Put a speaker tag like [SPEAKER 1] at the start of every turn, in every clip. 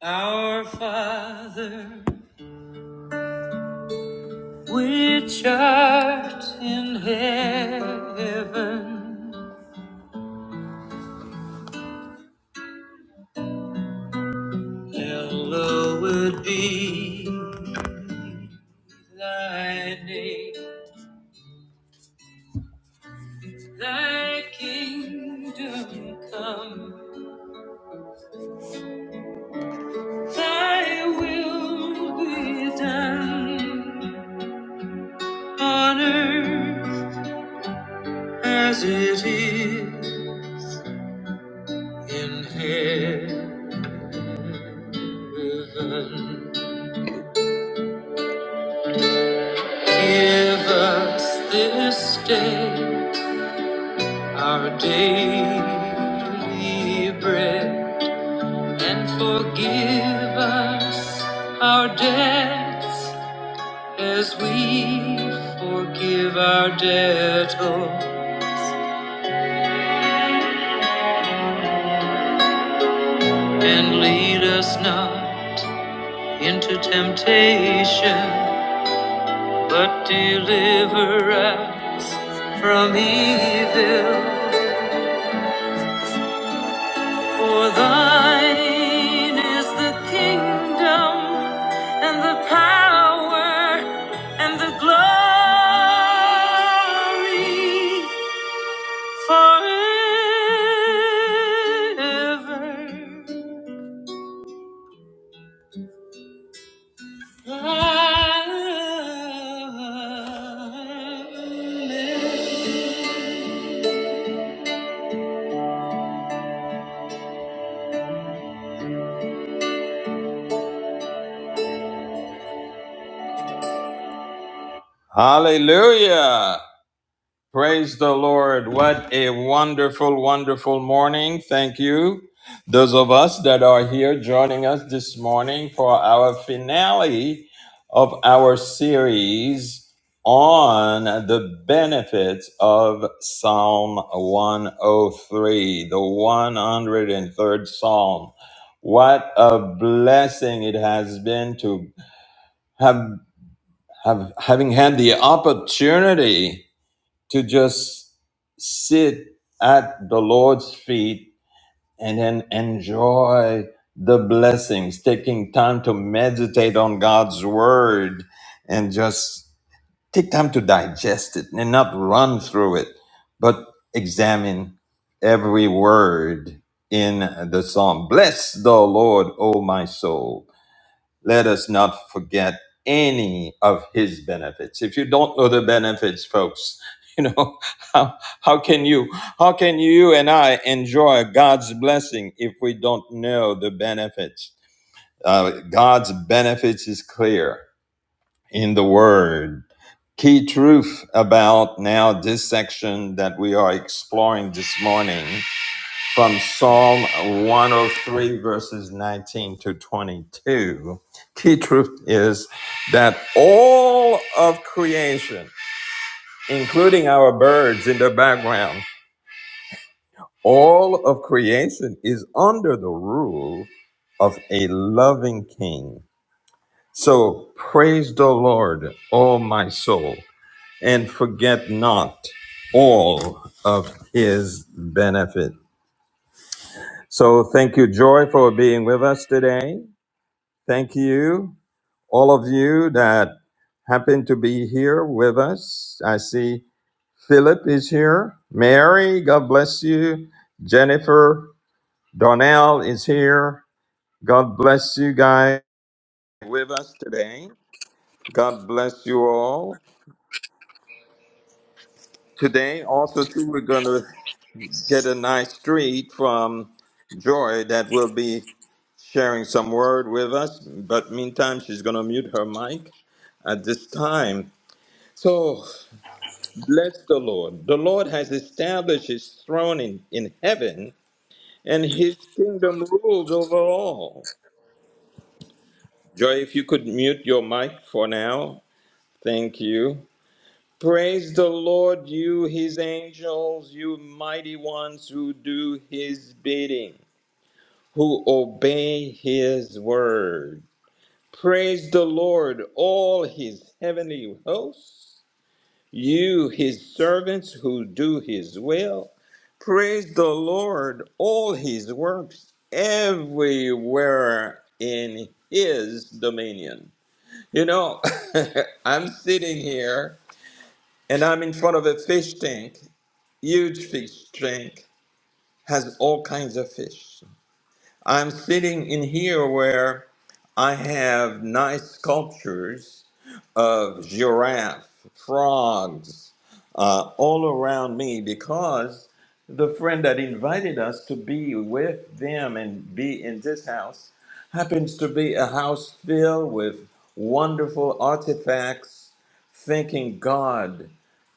[SPEAKER 1] Our Father, which art in heaven, hallowed be thy name. Thy kingdom come, thy will be done on earth as it is in heaven. Give us this day Our daily bread and forgive us our debts as we forgive our debtors. And lead us not into temptation, but deliver us from evil. For thine is the kingdom and the power and the glory forever. Amen. Hallelujah. Praise the Lord. What a wonderful, wonderful morning. Thank you. Those of us that are here joining us this morning for our finale of our series on the benefits of Psalm 103, the 103rd Psalm. What a blessing it has been to have, have having had the opportunity to just sit at the Lord's feet and then enjoy the blessings, taking time to meditate on God's word and just take time to digest it and not run through it, but examine every word in the psalm. Bless the Lord, O my soul let us not forget any of his benefits. If you don't know the benefits, folks, you know, how, how can you, how can you and I enjoy God's blessing if we don't know the benefits? Uh, God's benefits is clear in the word. Key truth about now this section that we are exploring this morning from Psalm 103, verses 19 to 22. Key truth is that all of creation, including our birds in the background, all of creation is under the rule of a loving king. So praise the Lord, O my soul, and forget not all of his benefit. So thank you, Joy, for being with us today. Thank you, all of you that happen to be here with us. I see Philip is here. Mary, God bless you. Jennifer, Donnell is here. God bless you guys with us today. God bless you all. Today, also, too, we're going to get a nice treat from Joy that will be sharing some word with us. But meantime, she's going to mute her mic at this time. So Bless the Lord. The Lord has established his throne in, in heaven, and his kingdom rules over all. Joy, if you could mute your mic for now. Thank you. Praise the Lord, you his angels, you mighty ones who do his bidding, who obey his word. Praise the Lord, all his heavenly hosts. you, his servants who do his will. Praise the Lord, all his works everywhere in his dominion. You know, I'm sitting here and I'm in front of a fish tank, huge fish tank, has all kinds of fish. I'm sitting in here where I have nice sculptures of giraffe, frogs, uh, all around me because the friend that invited us to be with them and be in this house happens to be a house filled with wonderful artifacts, thanking God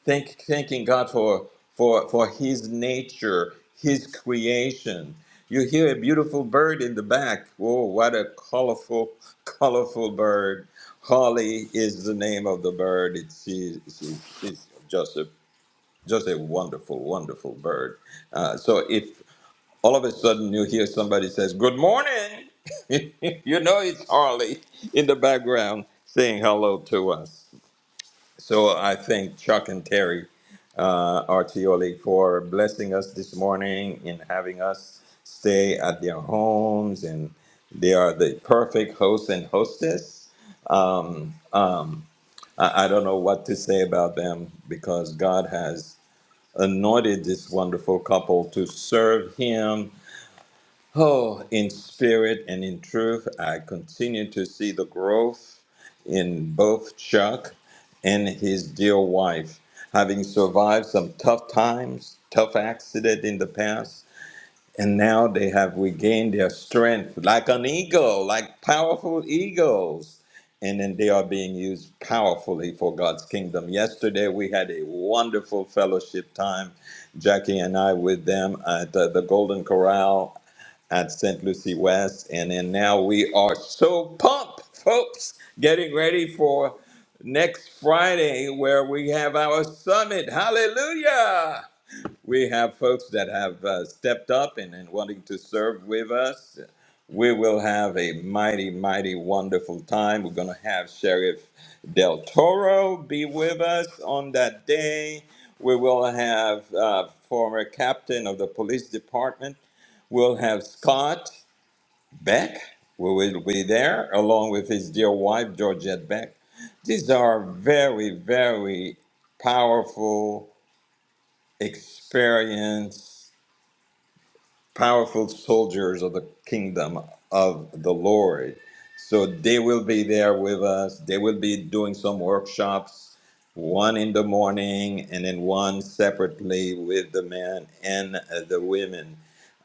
[SPEAKER 1] Thank, thanking God for, for, for His nature, His creation. You hear a beautiful bird in the back. Oh, what a colorful, colorful bird. Holly is the name of the bird. It's, she, she, she's just a, just a wonderful, wonderful bird. Uh, so if all of a sudden you hear somebody says, good morning, you know it's Harley in the background saying hello to us. So I thank Chuck and Terry uh, Artioli for blessing us this morning in having us stay at their homes, and they are the perfect host and hostess. Um, um, I, I don't know what to say about them because God has anointed this wonderful couple to serve Him Oh, in spirit and in truth, I continue to see the growth in both Chuck and his dear wife. Having survived some tough times, tough accident in the past, and now they have regained their strength like an eagle, like powerful eagles. And then they are being used powerfully for God's kingdom. Yesterday, we had a wonderful fellowship time, Jackie and I, with them at uh, the Golden Corral at St. Lucie West. And then now we are so pumped, folks, getting ready for next Friday where we have our summit. Hallelujah! We have folks that have uh, stepped up and, and wanting to serve with us. We will have a mighty, mighty wonderful time. We're going to have Sheriff Del Toro be with us on that day. We will have uh, former captain of the police department. We'll have Scott Beck. We will be there along with his dear wife, Georgette Beck. These are very, very powerful experience powerful soldiers of the kingdom of the Lord. So they will be there with us. They will be doing some workshops, one in the morning and then one separately with the men and uh, the women.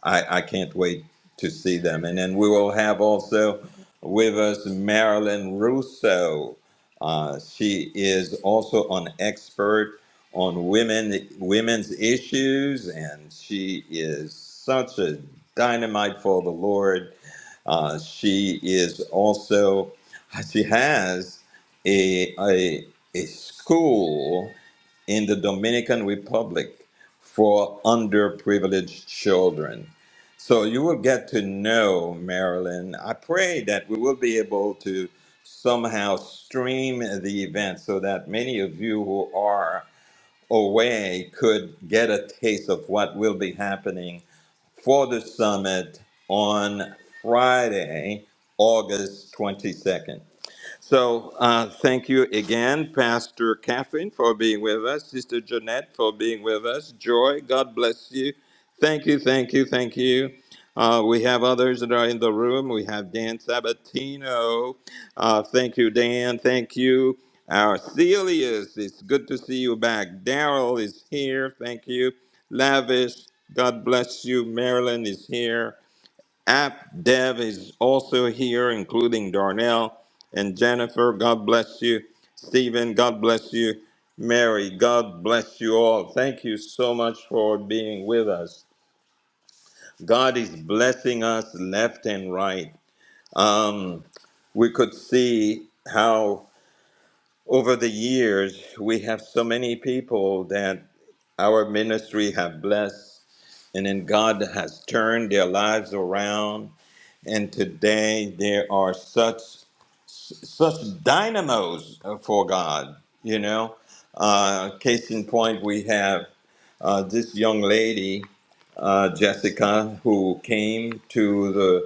[SPEAKER 1] I, I can't wait to see them. And then we will have also with us Marilyn Russo. Uh, she is also an expert on women women's issues, and she is such a dynamite for the Lord. Uh, she is also she has a a, a school in the Dominican Republic for underprivileged children. So you will get to know Marilyn. I pray that we will be able to somehow stream the event so that many of you who are away could get a taste of what will be happening for the summit on Friday, August 22nd. So uh, thank you again, Pastor Catherine, for being with us, Sister Jeanette, for being with us. Joy, God bless you. Thank you, thank you, thank you. Uh, we have others that are in the room. We have Dan Sabatino. Uh, thank you, Dan. Thank you. Our Celius, it's good to see you back. Daryl is here. Thank you. Lavish, God bless you. Marilyn is here. App Dev is also here, including Darnell and Jennifer. God bless you. Stephen, God bless you. Mary, God bless you all. Thank you so much for being with us. God is blessing us left and right. Um, we could see how over the years we have so many people that our ministry have blessed and then God has turned their lives around and today there are such such dynamos for God. You know, uh, case in point, we have uh, this young lady, uh, Jessica, who came to the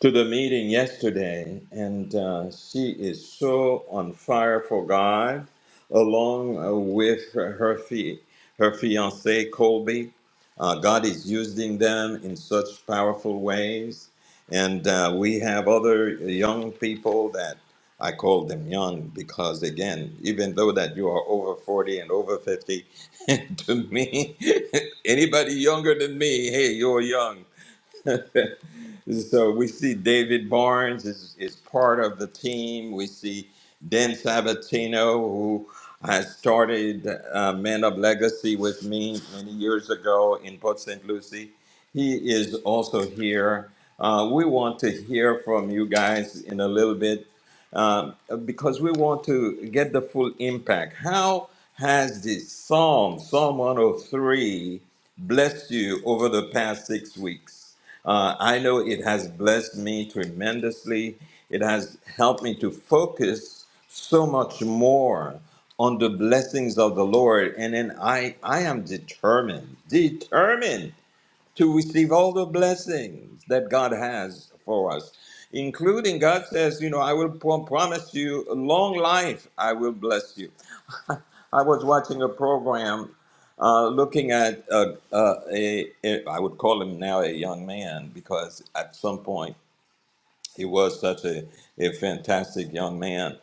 [SPEAKER 1] to the meeting yesterday, and uh, she is so on fire for God, along uh, with her her fi- her fiance Colby. Uh, God is using them in such powerful ways, and uh, we have other young people that I call them young because, again, even though that you are over forty and over fifty, to me, anybody younger than me, hey, you're young so we see David Barnes is, is part of the team. We see Dan Sabatino, who has started uh, Men of Legacy with me many years ago in Port St. Lucie. He is also here. Uh, we want to hear from you guys in a little bit um, because we want to get the full impact. How has this Psalm, Psalm 103, blessed you over the past six weeks? Uh, I know it has blessed me tremendously. It has helped me to focus so much more on the blessings of the Lord. And then I, I am determined, determined to receive all the blessings that God has for us, including God says, you know, I will pro- promise you a long life, I will bless you. I was watching a program uh, looking at uh, uh, a, a, I would call him now a young man because at some point he was such a, a fantastic young man.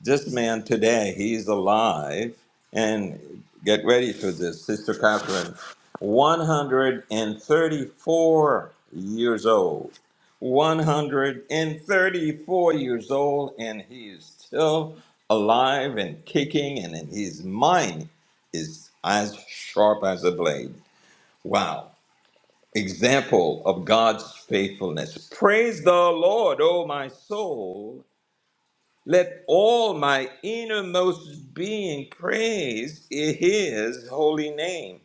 [SPEAKER 1] This man today, he's alive. And get ready for this, Sister Catherine. 134 years old. 134 years old, and he is still alive and kicking, and in his mind is as sharp as a blade. Wow example of God's faithfulness. Praise the Lord, O my soul. Let all my innermost being praise his holy name.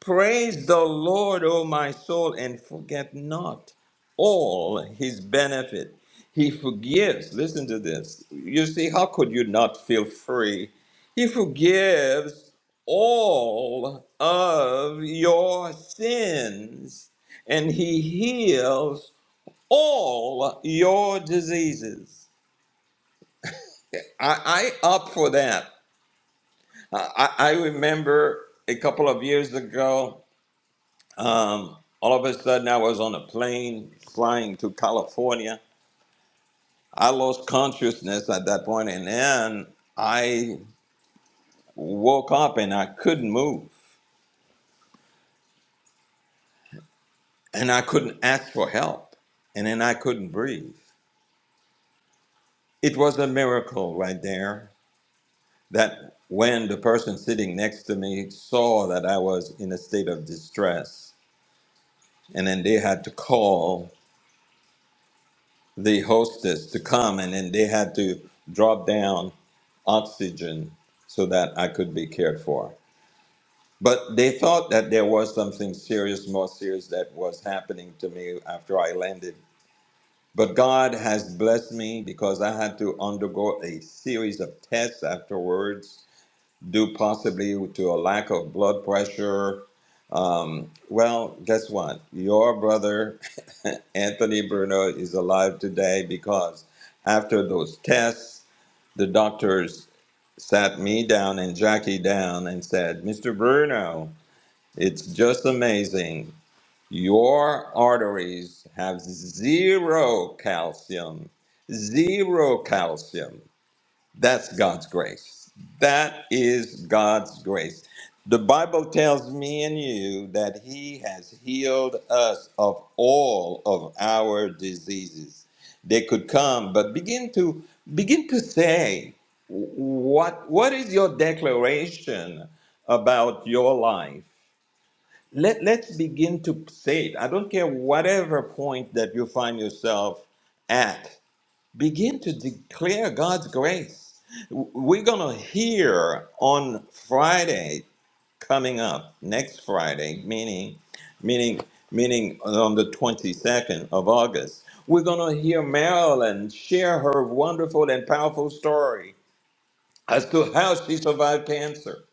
[SPEAKER 1] Praise the Lord, O my soul, and forget not all his benefit. He forgives. Listen to this. You see, how could you not feel free? He forgives all of your sins, and he heals all your diseases. I, I up for that. I, I I remember a couple of years ago. Um, all of a sudden, I was on a plane flying to California. I lost consciousness at that point, and then I woke up and I couldn't move, and I couldn't ask for help, and then I couldn't breathe. It was a miracle right there that when the person sitting next to me saw that I was in a state of distress, and then they had to call the hostess to come and then they had to drop down oxygen so that I could be cared for. But they thought that there was something serious, more serious, that was happening to me after I landed. But God has blessed me because I had to undergo a series of tests afterwards due possibly to a lack of blood pressure. Um, well, guess what? Your brother, Anthony Bruno, is alive today because after those tests, the doctors sat me down and Jackie down and said, Mr. Bruno, it's just amazing. Your arteries have zero calcium, zero calcium. That's God's grace. That is God's grace. The Bible tells me and you that He has healed us of all of our diseases. They could come, but begin to begin to say what what is your declaration about your life? Let, let's begin to say it. I don't care whatever point that you find yourself at begin to declare God's grace. We're going to hear on Friday coming up, next Friday, meaning, meaning, meaning on the 22nd of August. We're going to hear Marilyn share her wonderful and powerful story as to how she survived cancer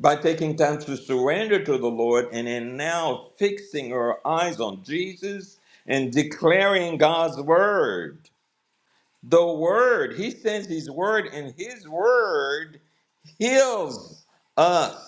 [SPEAKER 1] by taking time to surrender to the Lord and in now fixing her eyes on Jesus and declaring God's word the word. He sends his word, and his word heals us.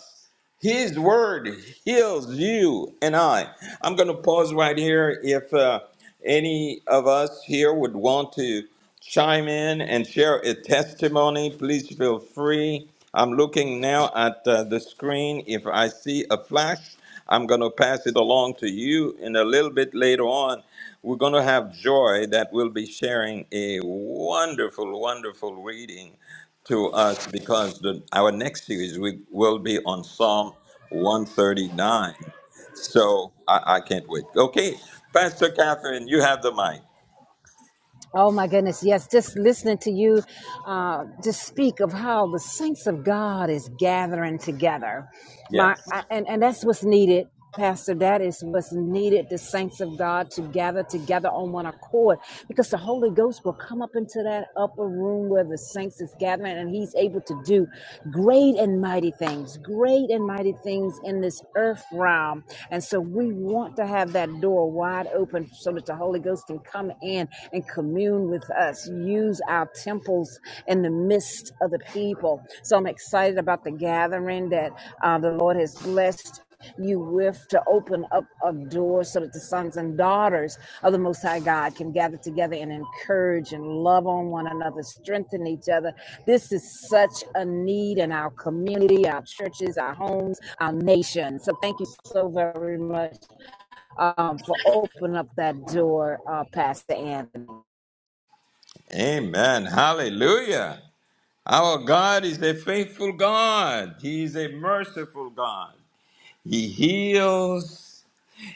[SPEAKER 1] His word heals you and I. I'm going to pause right here. If uh, any of us here would want to chime in and share a testimony, please feel free. I'm looking now at uh, the screen. If I see a flash, I'm going to pass it along to you. And a little bit later on, we're going to have Joy that will be sharing a wonderful, wonderful reading to us because the, our next series we will be on Psalm 139. So I, I can't wait. Okay, Pastor Catherine, you have the mic.
[SPEAKER 2] Oh my goodness, yes, just listening to you uh, just speak of how the saints of God is gathering together. My
[SPEAKER 1] Yes.
[SPEAKER 2] I, and, and that's what's needed, Pastor. That is what's needed, the saints of God to gather together on one accord. Because the Holy Ghost will come up into that upper room where the saints is gathering and he's able to do great and mighty things, great and mighty things in this earth realm. And so we want to have that door wide open so that the Holy Ghost can come in and commune with us, use our temples in the midst of the people. So I'm excited about the gathering that uh, the Lord has blessed you with to open up a door so that the sons and daughters of the Most High God can gather together and encourage and love on one another, strengthen each other. This is such a need in our community, our churches, our homes, our nation. So thank you so very much um, for opening up that door, uh, Pastor Anthony.
[SPEAKER 1] Amen. Hallelujah. Our God is a faithful God. He is a merciful God. He heals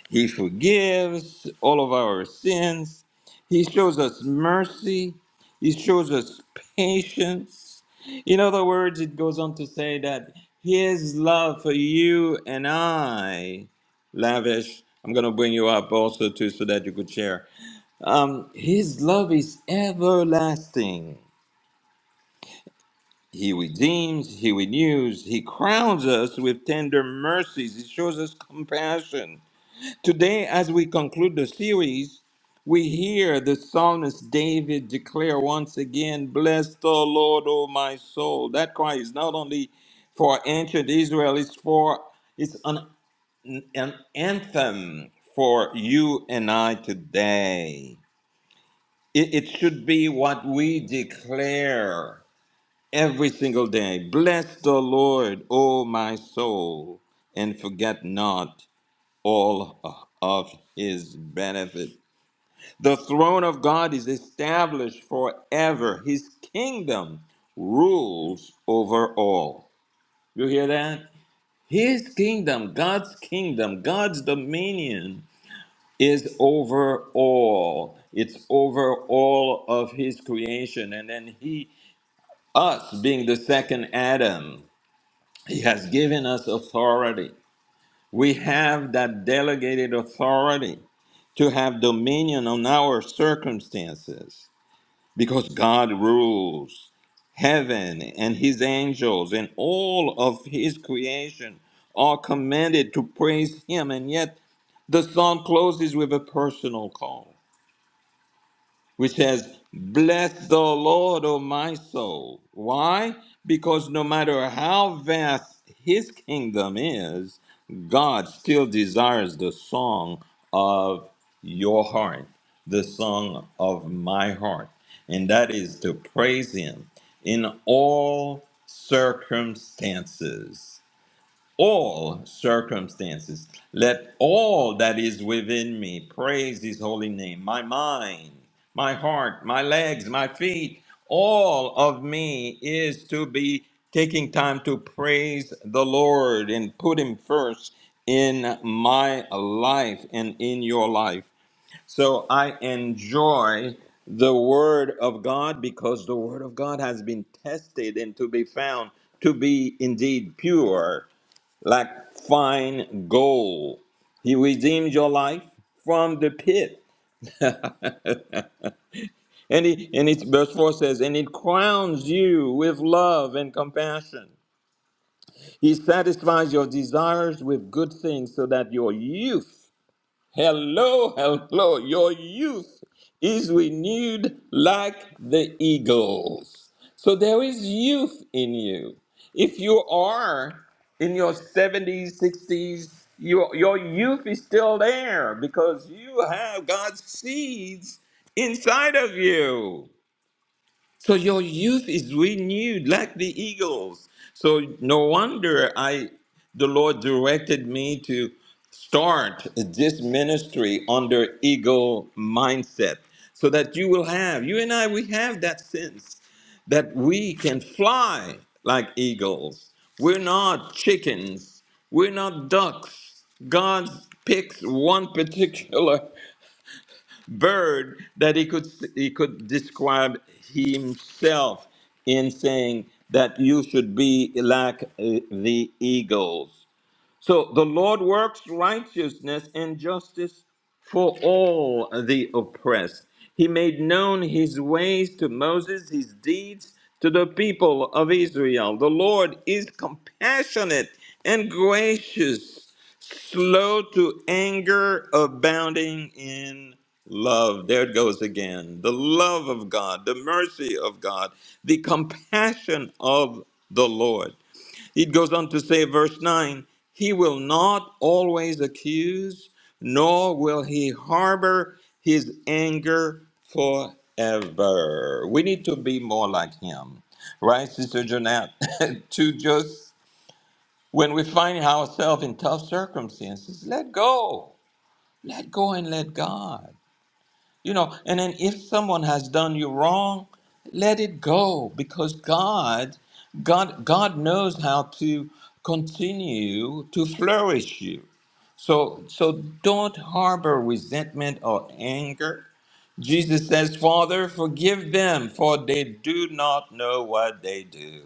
[SPEAKER 1] He forgives all of our sins. He shows us mercy. He shows us patience. In other words, it goes on to say that His love for you and I, lavish. I'm going to bring you up also too, so that you could share. Um, his love is everlasting. He redeems, he renews, he crowns us with tender mercies. He shows us compassion. Today, as we conclude the series, we hear the psalmist David declare once again, Bless the Lord, O my soul. That cry is not only for ancient Israel, it's for it's an, an anthem for you and I today. It, it should be what we declare every single day. Bless the Lord, O my soul, and forget not all of his benefit. The throne of God is established forever. His kingdom rules over all. You hear that? His kingdom, God's kingdom, God's dominion is over all. It's over all of his creation. And then he, us being the second Adam, he has given us authority We have that delegated authority to have dominion on our circumstances because God rules heaven and his angels and all of his creation are commanded to praise him and yet the song closes with a personal call which says, Bless the Lord, O my soul. Why? Because no matter how vast his kingdom is, God still desires the song of your heart, the song of my heart. And that is to praise him in all circumstances all circumstances. Let all that is within me praise his holy name. My mind, my heart, my legs, my feet, all of me is to be taking time to praise the Lord and put him first in my life and in your life. So I enjoy the word of God because the word of God has been tested and to be found to be indeed pure like fine gold. He redeemed your life from the pit. And he, and he, verse 4 says, and it crowns you with love and compassion. He satisfies your desires with good things so that your youth Hello, hello. Your youth is renewed like the eagles. So there is youth in you. If you are in your 70s, 60s, your, your youth is still there because you have God's seeds inside of you. So your youth is renewed like the eagles. So no wonder I the Lord directed me to start this ministry under eagle mindset so that you will have you and I we have that sense that we can fly like eagles. We're not chickens. We're not ducks. God picks one particular bird that he could he could describe himself in saying that you should be like uh, the eagles. So the Lord works righteousness and justice for all the oppressed. He made known his ways to Moses, his deeds to the people of Israel. The Lord is compassionate and gracious slow to anger, abounding in love. There it goes again. The love of God, the mercy of God, the compassion of the Lord. It goes on to say, verse 9, He will not always accuse, nor will He harbor His anger forever. We need to be more like Him. Right, Sister Jeanette? to just when we find ourselves in tough circumstances, let go. Let go and let God. You know, and then if someone has done you wrong, let it go because God God God knows how to continue to flourish you. So so don't harbor resentment or anger. Jesus says, Father, forgive them, for they do not know what they do.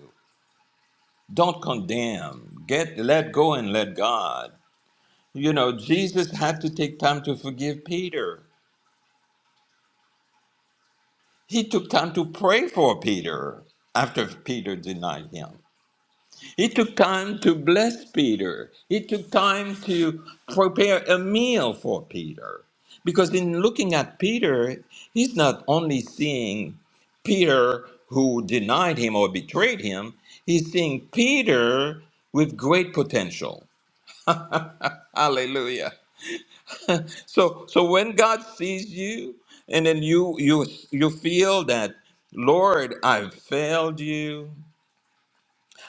[SPEAKER 1] Don't condemn. Get let go and let God. You know, Jesus had to take time to forgive Peter. He took time to pray for Peter after Peter denied him. He took time to bless Peter. He took time to prepare a meal for Peter. Because in looking at Peter, he's not only seeing Peter who denied him or betrayed him, he's seeing Peter with great potential. Hallelujah. So so when God sees you and then you you you feel that Lord, I've failed you.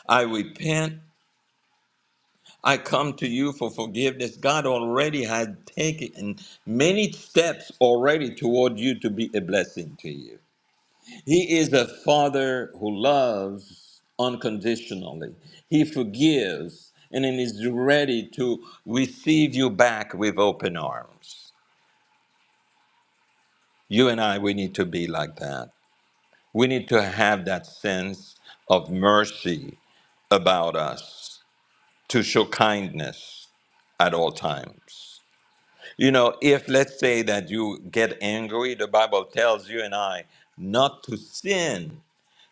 [SPEAKER 1] I repent. I come to you for forgiveness. God already had taken many steps already toward you to be a blessing to you. He is a father who loves unconditionally. He forgives and then is ready to receive you back with open arms. You and I, we need to be like that. We need to have that sense of mercy about us to show kindness at all times. You know, if let's say that you get angry, the Bible tells you and I not to sin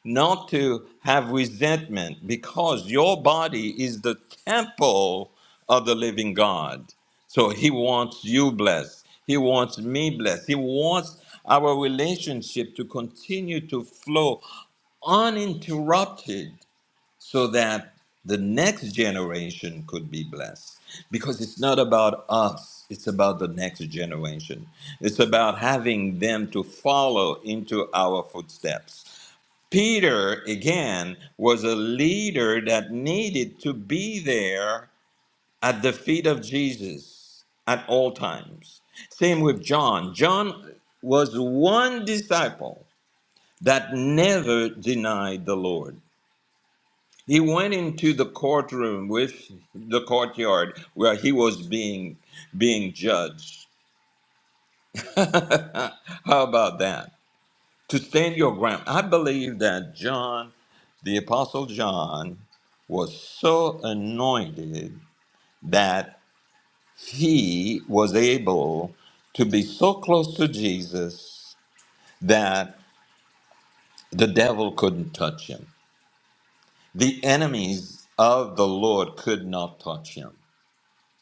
[SPEAKER 1] not to have resentment because your body is the temple of the living God. So he wants you blessed. He wants me blessed. He wants our relationship to continue to flow uninterrupted so that the next generation could be blessed. Because it's not about us, it's about the next generation. It's about having them to follow into our footsteps. Peter, again, was a leader that needed to be there at the feet of Jesus at all times. Same with John. John was one disciple that never denied the Lord. He went into the courtroom with the courtyard where he was being being judged. How about that? to stand your ground. I believe that John, the Apostle John, was so anointed that he was able to be so close to Jesus that the devil couldn't touch him. The enemies of the Lord could not touch him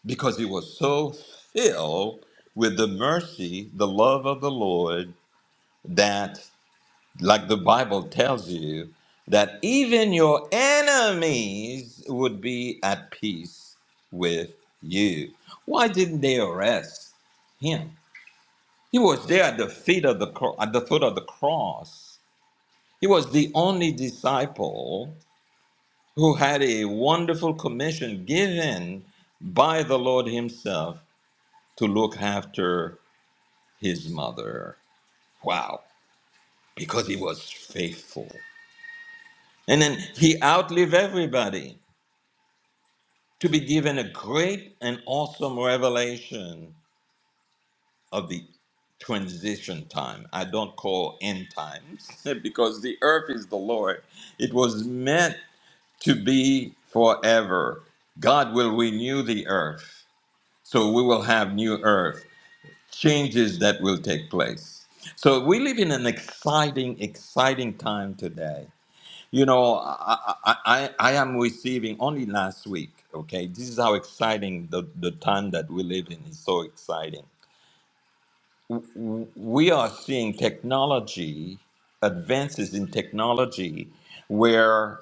[SPEAKER 1] because he was so filled with the mercy, the love of the Lord, that like the Bible tells you, that even your enemies would be at peace with you. Why didn't they arrest him? He was there at the feet of the cro- at the foot of the cross. He was the only disciple who had a wonderful commission given by the Lord himself to look after his mother. Wow, because he was faithful. And then he outlived everybody. to be given a great and awesome revelation of the transition time. I don't call end times because the earth is the Lord. It was meant to be forever. God will renew the earth. So we will have new earth, changes that will take place. So we live in an exciting, exciting time today. You know, I, I, I I am receiving only last week. Okay, this is how exciting the, the time that we live in is so exciting. W- w- We are seeing technology, advances in technology, where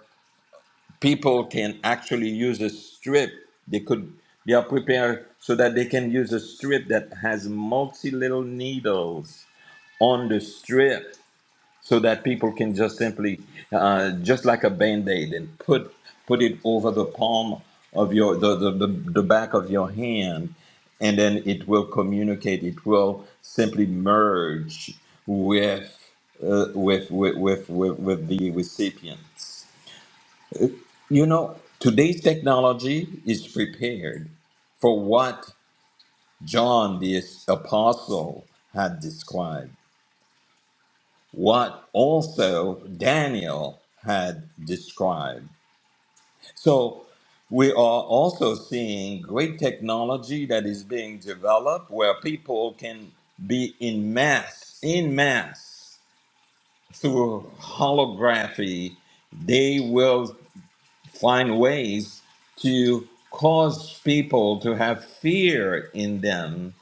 [SPEAKER 1] people can actually use a strip. They could, they are prepared so that they can use a strip that has multi little needles on the strip so that people can just simply, uh, just like a band-aid, and put put it over the palm of your the, the, the, the back of your hand, and then it will communicate. It will simply merge with uh, with, with, with with with the recipients. You know, today's technology is prepared for what John the apostle had described. what also Daniel had described. So we are also seeing great technology that is being developed where people can be in mass, in mass through holography. They will find ways to cause people to have fear in them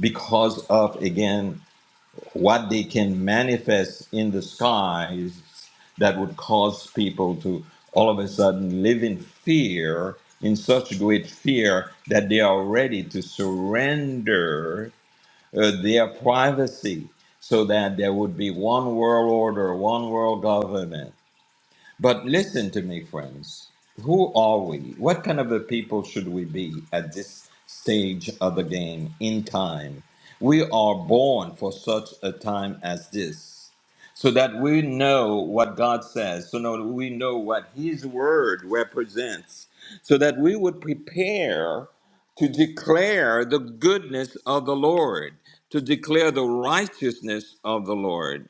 [SPEAKER 1] because of, again, what they can manifest in the skies that would cause people to all of a sudden live in fear, in such great fear that they are ready to surrender uh, their privacy so that there would be one world order, one world government but listen to me, friends. Who are we? What kind of a people should we be at this stage of the game in time? We are born for such a time as this, so that we know what God says, so that we know what His Word represents, so that we would prepare to declare the goodness of the Lord, to declare the righteousness of the Lord.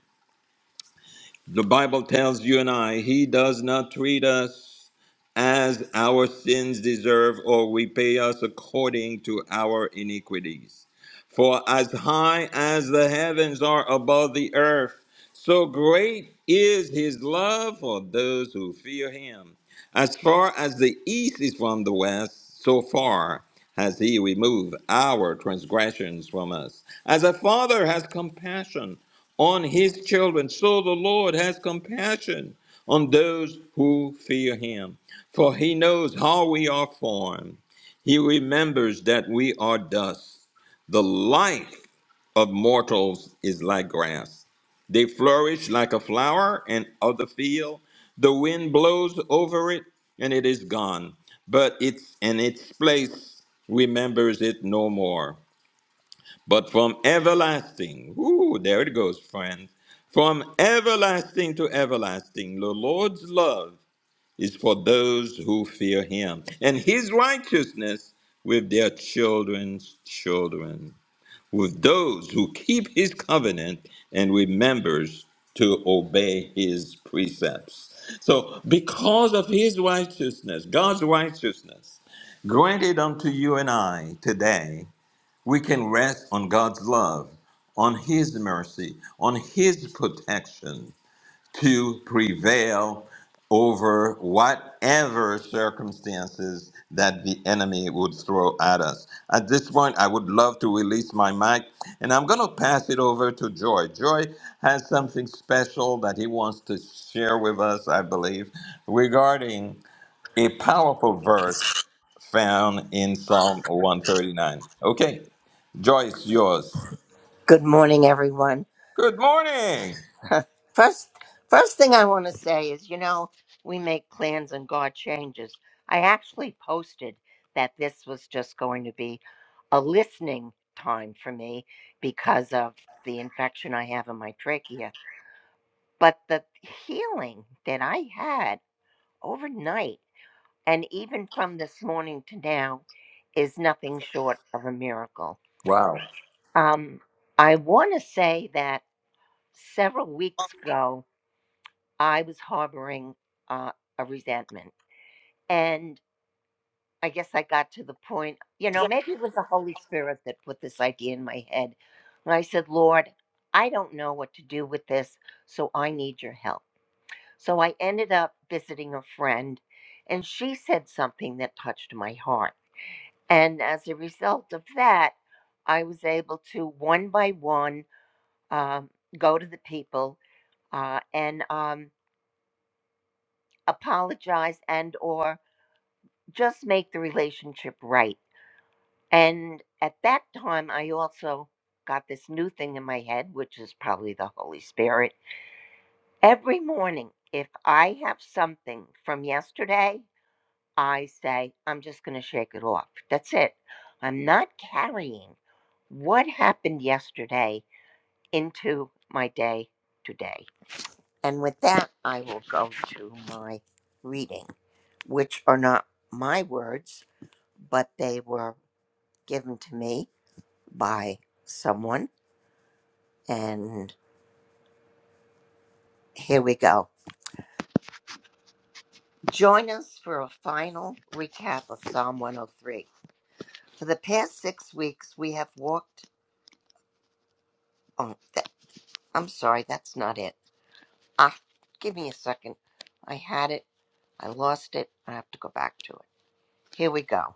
[SPEAKER 1] The Bible tells you and I, He does not treat us as our sins deserve or repay us according to our iniquities. For as high as the heavens are above the earth, so great is His love for those who fear Him. As far as the east is from the west, so far has He removed our transgressions from us. As a father has compassion on his children. So the Lord has compassion on those who fear him, for he knows how we are formed. He remembers that we are dust. The life of mortals is like grass. They flourish like a flower and of the field. The wind blows over it and it is gone. But it's and its place remembers it no more but from everlasting. Ooh, there it goes, friends. From everlasting to everlasting, the Lord's love is for those who fear him, and his righteousness with their children's children, with those who keep his covenant and remembers to obey his precepts. So, because of his righteousness, God's righteousness, granted unto you and I today we can rest on God's love, on His mercy, on His protection to prevail over whatever circumstances that the enemy would throw at us. At this point, I would love to release my mic and I'm going to pass it over to Joy. Joy has something special that he wants to share with us, I believe, regarding a powerful verse found in Psalm 139. Okay, Joy is yours.
[SPEAKER 3] Good morning, everyone.
[SPEAKER 1] Good morning.
[SPEAKER 3] First, first thing I want to say is, you know, we make plans and God changes. I actually posted that this was just going to be a listening time for me because of the infection I have in my trachea. But the healing that I had overnight and even from this morning to now is nothing short of a miracle.
[SPEAKER 1] Wow.
[SPEAKER 3] Um, I want to say that several weeks ago, I was harboring uh, a resentment. And I guess I got to the point, you know, maybe it was the Holy Spirit that put this idea in my head. And I said, Lord, I don't know what to do with this, so I need your help. So I ended up visiting a friend, and she said something that touched my heart. And as a result of that, I was able to one by one um, go to the people uh, and um, apologize and or just make the relationship right. And at that time, I also got this new thing in my head, which is probably the Holy Spirit. Every morning, if I have something from yesterday, I say, I'm just going to shake it off. That's it. I'm not carrying what happened yesterday into my day today. And with that, I will go to my reading, which are not my words, but they were given to me by someone. And here we go. Join us for a final recap of Psalm 103. For the past six weeks, we have walked. Oh, that, I'm sorry, that's not it. Ah, give me a second. I had it, I lost it. I have to go back to it. Here we go.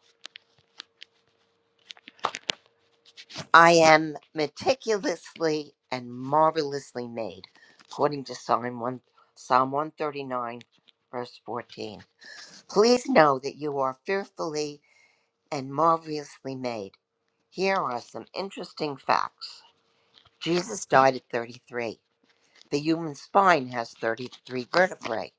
[SPEAKER 3] I am meticulously and marvelously made, according to Psalm, 1, Psalm 139, verse 14. Please know that you are fearfully and marvelously made. Here are some interesting facts. Jesus died at 33. The human spine has 33 vertebrae.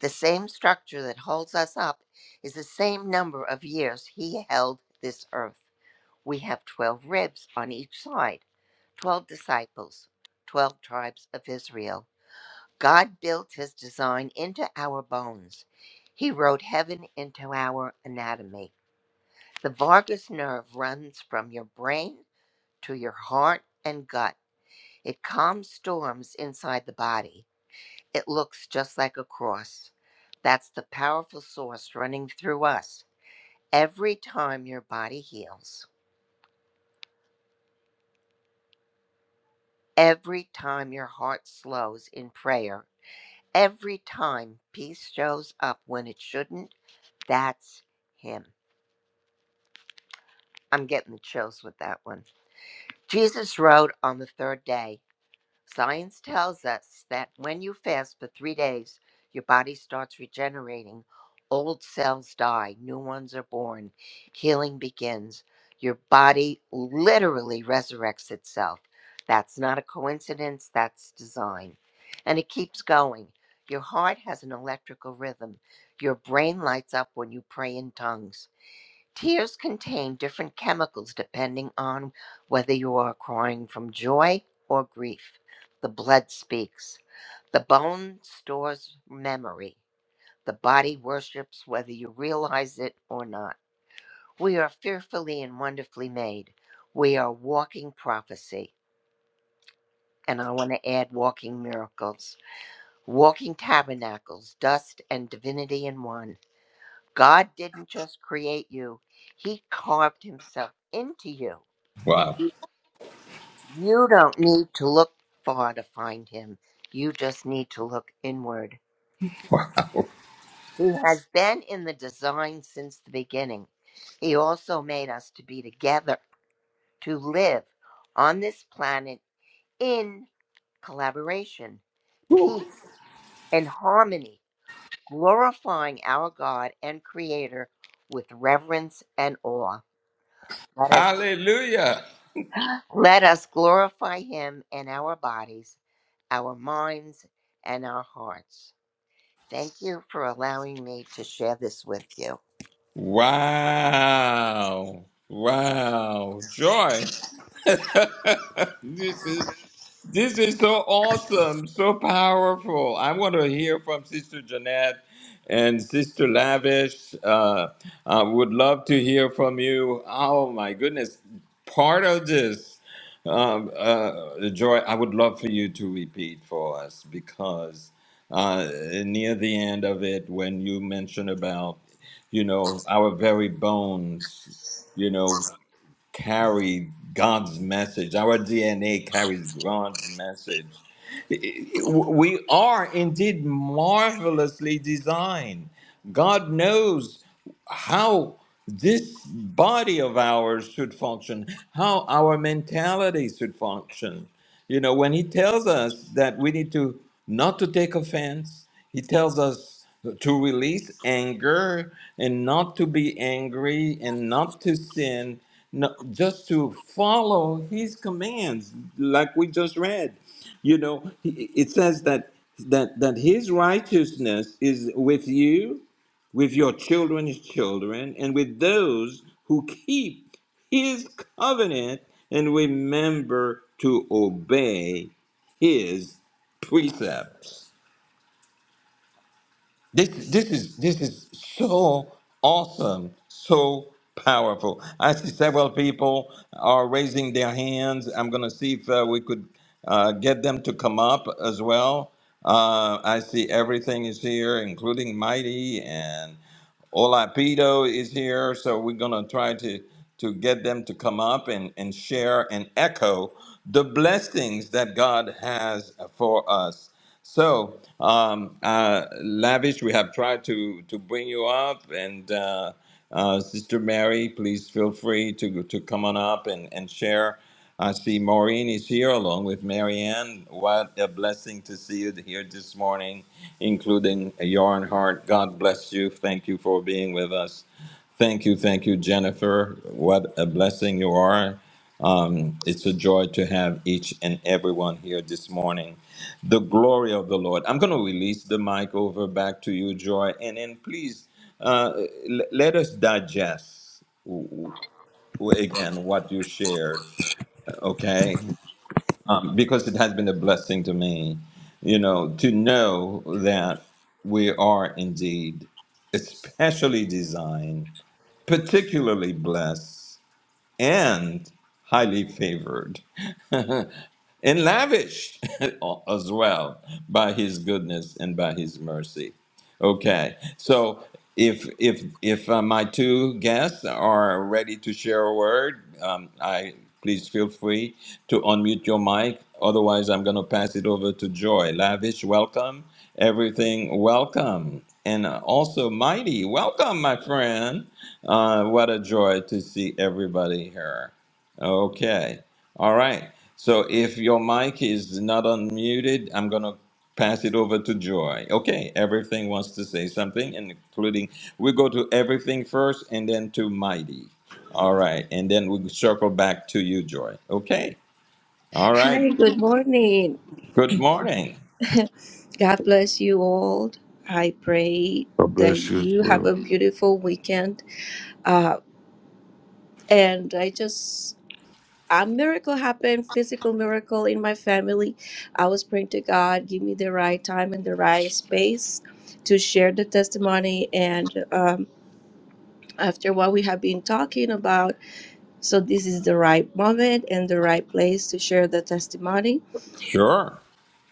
[SPEAKER 3] The same structure that holds us up is the same number of years he held this earth. We have 12 ribs on each side, 12 disciples, 12 tribes of Israel. God built his design into our bones. He wrote heaven into our anatomy. The vagus nerve runs from your brain to your heart and gut. It calms storms inside the body. It looks just like a cross. That's the powerful source running through us. Every time your body heals, every time your heart slows in prayer, every time peace shows up when it shouldn't, that's Him. I'm getting the chills with that one. Jesus rode on the third day Science tells us that when you fast for three days, your body starts regenerating. Old cells die, new ones are born, healing begins. Your body literally resurrects itself. That's not a coincidence, that's design. And it keeps going. Your heart has an electrical rhythm. Your brain lights up when you pray in tongues. Tears contain different chemicals depending on whether you are crying from joy or grief. The blood speaks. The bone stores memory. The body worships whether you realize it or not. We are fearfully and wonderfully made. We are walking prophecy. And I want to add walking miracles, walking tabernacles, dust and divinity in one. God didn't just create you, He carved Himself into you. He
[SPEAKER 1] Wow.
[SPEAKER 3] You don't need to look far to find him. You just need to look inward. He has been in the design since the beginning. He also made us to be together, to live on this planet in collaboration, peace, and harmony, glorifying our God and Creator with reverence and awe. Let us,
[SPEAKER 1] Hallelujah.
[SPEAKER 3] let us glorify Him in our bodies, our minds, and our hearts. Thank you for allowing me to share this with you.
[SPEAKER 1] Wow. Wow. Joy. this is this is so awesome, so powerful. I want to hear from Sister Jeanette and Sister Lavish. Uh, I would love to hear from you. Oh my goodness, part of this, um, uh, Joy. I would love for you to repeat for us because uh, near the end of it, when you mentioned about you know, our very bones, you know, carry God's message. Our DNA carries God's message we are indeed marvelously designed. God knows how this body of ours should function, how our mentality should function. You know, when He tells us that we need to not to take offense, He tells us to release anger and not to be angry and not to sin, no, just to follow His commands, like we just read you know he- it says that that that his righteousness is with you with your children's children and with those who keep his covenant and remember to obey his precepts this this is this is so awesome, so powerful. I see several people are raising their hands. I'm gonna see if uh, we could uh, get them to come up as well. Uh, I see everything is here, including Mighty and. Olapido is here, so we're gonna try to to get them to come up and and share and echo the blessings that God has for us. So, um, uh, lavish, we have tried to to bring you up, and uh, uh, Sister Mary, please feel free to to come on up and and share. I see Maureen is here along with Marianne. What a blessing to see you here this morning, including Yarn Heart. God bless you. Thank you for being with us. Thank you, thank you, Jennifer. What a blessing you are. Um, it's a joy to have each and everyone here this morning. The glory of the Lord. I'm going to release the mic over back to you, Joy, and then please uh, l- let us digest w- w- again what you shared okay? Um, because it has been a blessing to me, you know, to know that we are indeed especially designed, particularly blessed, and highly favored, and lavished as well by His goodness and by His mercy. Okay, so if if if uh, my two guests are ready to share a word, um, I please feel free to unmute your mic. Otherwise, I'm going to pass it over to Joy. Lavish, welcome. Everything, welcome. And uh, also, Mighty, welcome, my friend. Uh, what a joy to see everybody here. Okay. All right. So if your mic is not unmuted, I'm going to pass it over to Joy. Okay. Everything wants to say something, including we go to everything first and then to Mighty. All right. And then we circle back to you, Joy. Okay. All right.
[SPEAKER 4] Hi, good morning.
[SPEAKER 1] Good morning.
[SPEAKER 4] God bless you all. I pray
[SPEAKER 5] God
[SPEAKER 4] that
[SPEAKER 5] bless you as
[SPEAKER 4] you have a
[SPEAKER 5] well.
[SPEAKER 4] beautiful weekend. Uh, and I just, a miracle happened, physical miracle in my family. I was praying to God, give me the right time and the right space to share the testimony. And um, after what we have been talking about, so this is the right moment and the right place to share the testimony
[SPEAKER 1] Sure.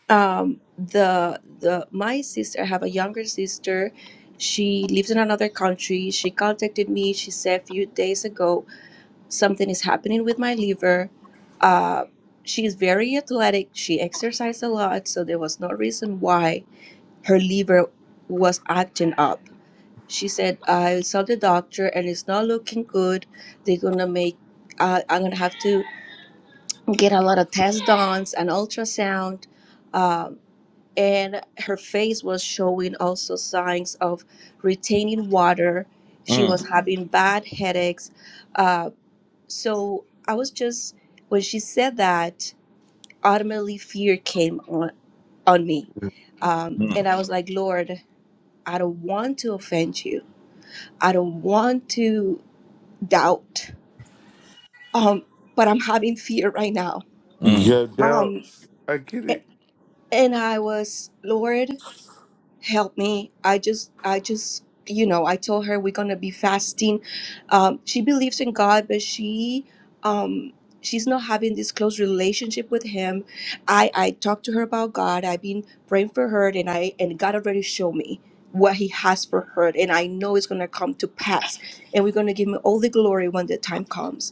[SPEAKER 4] um the the my sister I have a younger sister she lives in another country she contacted me she said a few days ago something is happening with my liver uh she's very athletic she exercised a lot so there was no reason why her liver was acting up she said i saw the doctor and it's not looking good they're gonna make uh, i'm gonna have to get a lot of tests done an ultrasound Um, and her face was showing also signs of retaining water. She
[SPEAKER 1] Mm,
[SPEAKER 4] was having bad headaches. Uh, so I was just, when she said that, ultimately fear came on, on me. Um,
[SPEAKER 1] mm,
[SPEAKER 4] and I was like, Lord, I don't want to offend you. I don't want to doubt, um, but I'm having fear right now.
[SPEAKER 1] mm,
[SPEAKER 5] Yeah, now
[SPEAKER 4] Um,
[SPEAKER 5] I get it
[SPEAKER 4] a- and I was, Lord. help me i just i just you know i told her we're gonna be fasting um, she believes in god but she um, she's not having this close relationship with him i i talked to her about god i've been praying for her and i and god already showed me what he has for her and i know it's gonna come to pass and we're gonna give him all the glory when the time comes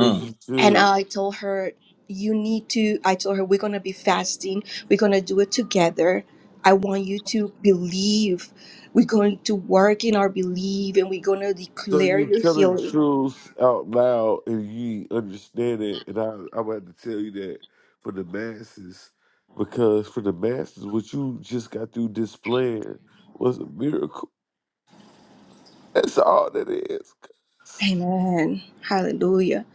[SPEAKER 5] as you
[SPEAKER 4] and
[SPEAKER 5] should.
[SPEAKER 4] I told her, you need to, I told her, we're going to be fasting. We're going to do it together. I want you to believe. We're going to work in our belief and we're going to
[SPEAKER 5] So
[SPEAKER 4] declare
[SPEAKER 5] you
[SPEAKER 4] your
[SPEAKER 5] telling the
[SPEAKER 4] healing.
[SPEAKER 5] truth out loud and you understand it, and I I'm about to tell you that for the masses, because for the masses, what you just got through displaying was a miracle. That's all that is. cuz.
[SPEAKER 4] Amen. Hallelujah.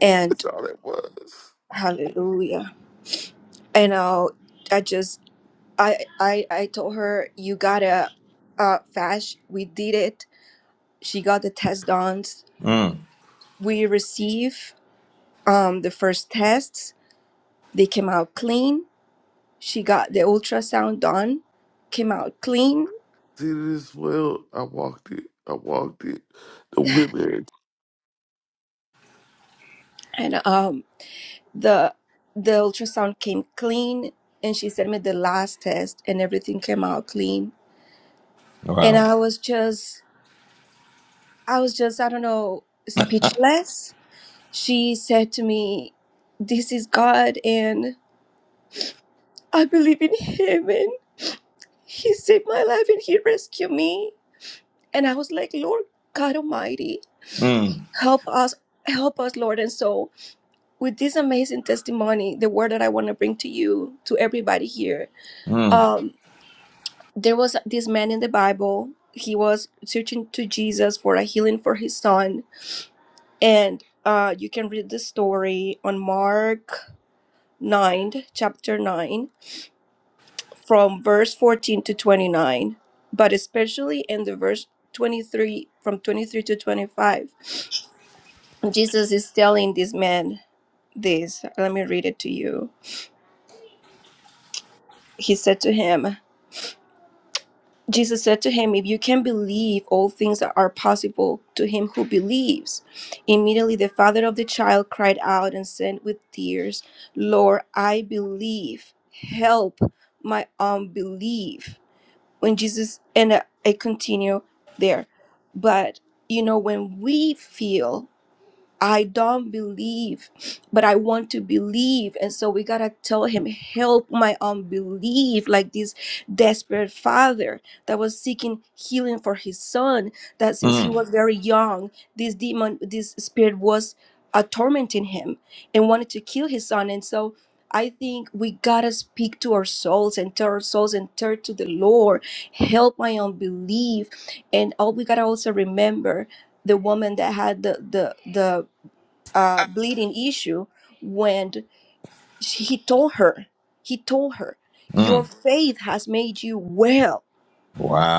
[SPEAKER 4] And
[SPEAKER 5] That's all it was.
[SPEAKER 4] hallelujah. And uh, I just, I, I, I told her, you got to uh, fast. We did it. She got the test done.
[SPEAKER 1] mm.
[SPEAKER 4] We received um, the first tests. They came out clean she got the ultrasound done came out clean
[SPEAKER 5] See this well, I walked it. I walked it. The women
[SPEAKER 4] and um the the ultrasound came clean and she sent me the last test and everything came out clean and
[SPEAKER 1] Wow.
[SPEAKER 4] i was just i was just i don't know speechless she said to me this is god and i believe in him and he saved my life and he rescued me and i was like lord god almighty
[SPEAKER 1] Mm,
[SPEAKER 4] help us help us lord and so with this amazing testimony, the word that I want to bring to you, to everybody here,
[SPEAKER 1] mm,
[SPEAKER 4] um, there was this man in the Bible. He was searching to Jesus for a healing for his son. And uh, you can read the story on Mark 9, chapter 9, from verse 14 to 29, but especially in the verse 23, from 23 to 25. Jesus is telling this man this. Let me read it to you. He said to him, Jesus said to him, If you can believe, all things are possible to him who believes. Immediately the father of the child cried out and said with tears, Lord, I believe. Help my unbelief. When Jesus, and I continue there, but you know, when we feel I don't believe, but I want to believe. And so we got to tell him, help my unbelief, like this desperate father that was seeking healing for his son, that since he
[SPEAKER 1] mm,
[SPEAKER 4] was very young, this demon, this spirit was uh, tormenting him and wanted to kill his son. And so I think we got to speak to our souls and tell our souls and turn to the Lord, help my unbelief. And all we got to also remember the woman that had the the the uh, bleeding issue when she, he told her, he told her, your
[SPEAKER 1] mm.
[SPEAKER 4] faith has made you well,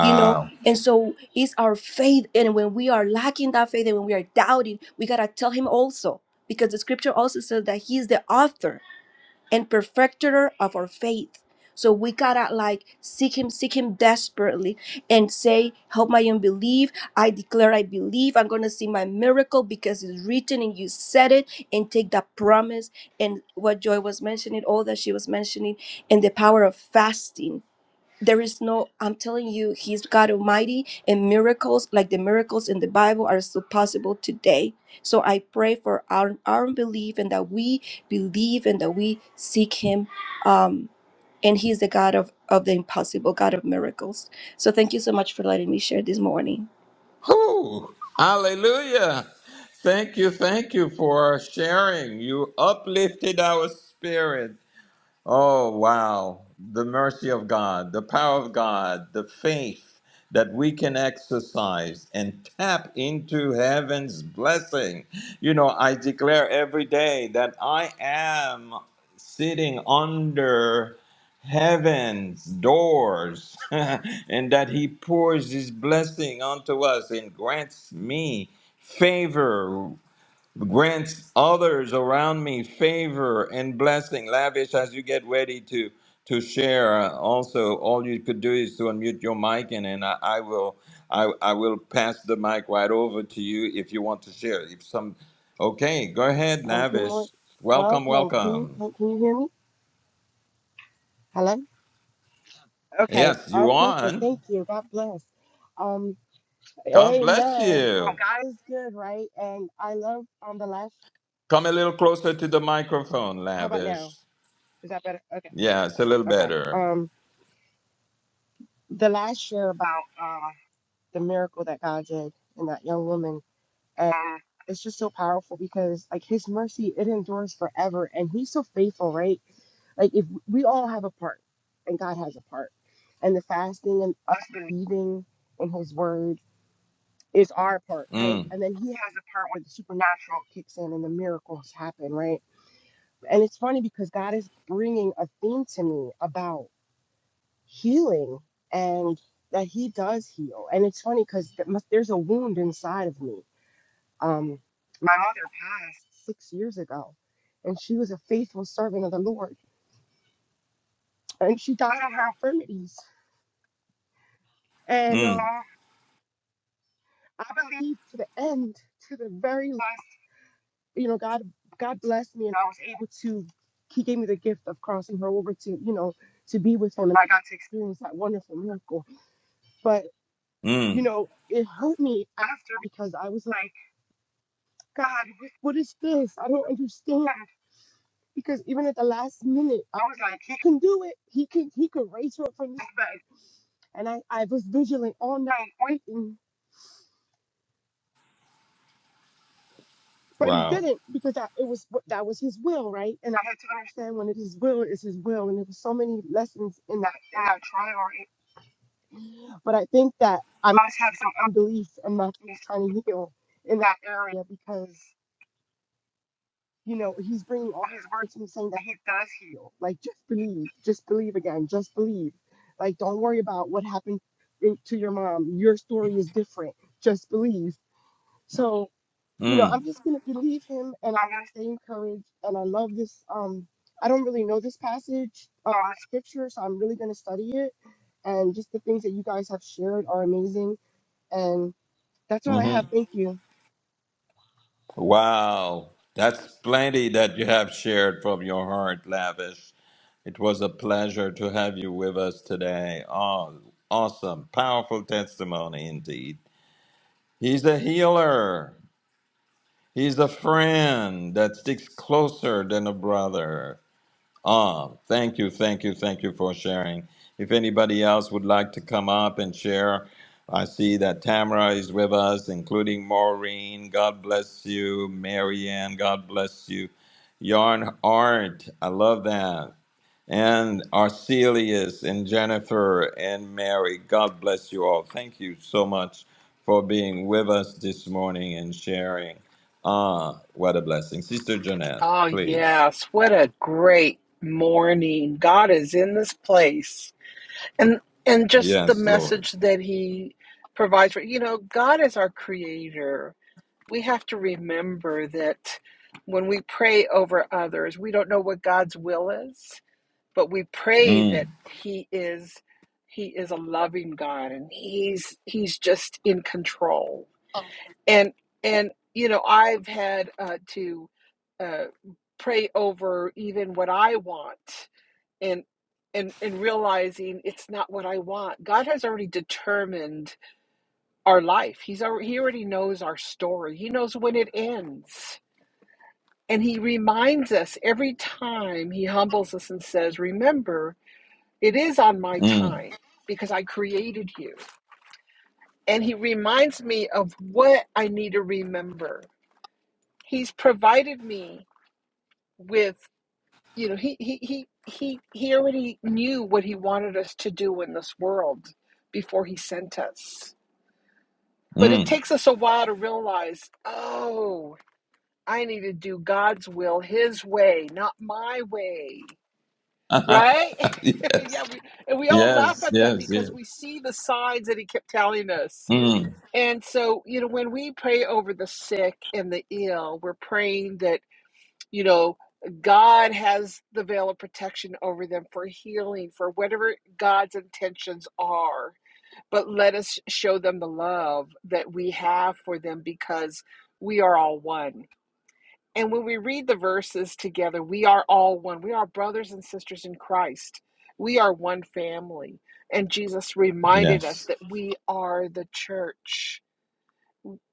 [SPEAKER 4] you know? And so it's our faith. And when we are lacking that faith and when we are doubting, we got to tell him also, because the scripture also says that he is the author and perfecter of our faith. So we gotta like seek him, seek him desperately and say, Help my unbelief. I declare I believe I'm gonna see my miracle because it's written and you said it, and take that promise and what Joy was mentioning, all that she was mentioning, and the power of fasting there is no i'm telling you he's god almighty and miracles like the miracles in the bible are still possible today so i pray for our our belief and that we believe and that we seek him um and he's the god of of the impossible god of miracles so thank you so much for letting me share this morning
[SPEAKER 1] Whew. Hallelujah. Thank you, thank you for sharing. You uplifted our spirits. Oh, wow. The mercy of God, the power of God, the faith that we can exercise and tap into heaven's blessing. You know, I declare every day that I am sitting under heaven's doors and that he pours his blessing onto us and grants me favor Grant others around me favor and blessing, lavish as you get ready to to share. Uh, also, all you could do is to unmute your mic, and, and I, I will I, I will pass the mic right over to you if you want to share. If some, okay, go ahead,
[SPEAKER 6] Um, good morning.
[SPEAKER 1] lavish. Welcome,
[SPEAKER 6] Welcome. Can you
[SPEAKER 1] welcome.
[SPEAKER 6] can, can you hear me? Hello. Okay.
[SPEAKER 1] Yes,
[SPEAKER 6] All
[SPEAKER 1] you are
[SPEAKER 6] perfect.
[SPEAKER 1] on.
[SPEAKER 6] Thank you. God bless. Um,
[SPEAKER 1] God bless
[SPEAKER 6] Amen. Um,
[SPEAKER 1] you.
[SPEAKER 6] God is good, right? And I love um the last.
[SPEAKER 1] Come a little closer to the microphone,
[SPEAKER 6] How about
[SPEAKER 1] lavish.
[SPEAKER 6] now? Is that better? Okay.
[SPEAKER 1] Yeah, it's a little
[SPEAKER 6] Okay.
[SPEAKER 1] better.
[SPEAKER 6] Um, the last year about uh the miracle that God did in that young woman. And it's just so powerful because like his mercy, it endures forever and he's so faithful, right? Like if we all have a part and God has a part. And the fasting and us believing in his word is our part, right?
[SPEAKER 1] Mm,
[SPEAKER 6] And then he has a part where the supernatural kicks in and the miracles happen, right? And it's funny because God is bringing a theme to me about healing and that he does heal. And it's funny because there's a wound inside of me um, my mother passed six years ago, and she was a faithful servant of the Lord, and she died of her infirmities. And uh,
[SPEAKER 1] mm,
[SPEAKER 6] I believe to the end, to the very last, you know, God, God blessed me, and I was able to. He gave me the gift of crossing her over to, you know, to be with him, and I got to experience that wonderful miracle. But you
[SPEAKER 1] mm.
[SPEAKER 6] know, it hurt me after because I was like, God, what is this? I don't understand. because even at the last minute, I was like, he can do it. He can he could raise her up from this bed. And I, I was vigilant all night waiting, but he
[SPEAKER 1] Wow.
[SPEAKER 6] didn't because I, it was what- that was his will, right? And I had to understand when it is will, it's his will. And there were so many lessons in that in that trial. But I think that I must have some unbelief and not just trying to heal in that area because. you know, he's bringing all his words and he's saying that he does heal. Like, just believe, just believe again, just believe. Like, don't worry about what happened in- to your mom. Your story is different. Just believe. So, you know,
[SPEAKER 1] Mm.
[SPEAKER 6] I'm just gonna believe him, and I'm gonna stay encouraged. And I love this. Um, I don't really know this passage, uh, scripture, so I'm really gonna study it. And just the things that you guys have shared are amazing. And that's all I
[SPEAKER 1] hmm
[SPEAKER 6] have. Thank you.
[SPEAKER 1] Wow. That's plenty that you have shared from your heart, Lavish. It was a pleasure to have you with us today. Oh, awesome. Powerful testimony indeed. He's a healer, he's a friend that sticks closer than a brother. Ah, thank you, thank you, thank you for sharing. If anybody else would like to come up and share, I see that Tamara is with us, including Maureen. God bless you. Marianne, God bless you. Yarn Art, I love that. And Arcelius and Jennifer and Mary, God bless you all. Thank you so much for being with us this morning and sharing. Ah, what a blessing. Sister Jeanette,
[SPEAKER 7] Oh,
[SPEAKER 1] please.
[SPEAKER 7] yes. What a great morning. God is in this place. And and just the
[SPEAKER 1] Yes, Lord.
[SPEAKER 7] message that he provides for you know, God is our creator. We have to remember that when we pray over others, we don't know what God's will is, but we pray
[SPEAKER 1] Mm,
[SPEAKER 7] that he is he is a loving God and he's he's just in control and and you know i've had uh, to uh, pray over even what i want and and and realizing it's not what i want god has already determined our life he's already he already knows our story he knows when it ends and he reminds us every time he humbles us and says remember it is on my
[SPEAKER 1] mm,
[SPEAKER 7] time because i created you and he reminds me of what i need to remember he's provided me with you know he he he he he already knew what he wanted us to do in this world before he sent us but it
[SPEAKER 1] mm.
[SPEAKER 7] takes us a while to realize oh i need to do god's will his way not my way right
[SPEAKER 1] yes,
[SPEAKER 7] yeah we, and we all laugh
[SPEAKER 1] yes,
[SPEAKER 7] at that
[SPEAKER 1] yes, yes.
[SPEAKER 7] because we see the signs that he kept telling us
[SPEAKER 1] Mm,
[SPEAKER 7] and so you know when we pray over the sick and the ill we're praying that you know god has the veil of protection over them for healing for whatever god's intentions are but let us show them the love that we have for them because we are all one and when we read the verses together we are all one we are brothers and sisters in christ we are one family and jesus reminded us
[SPEAKER 1] yes.
[SPEAKER 7] that we are the church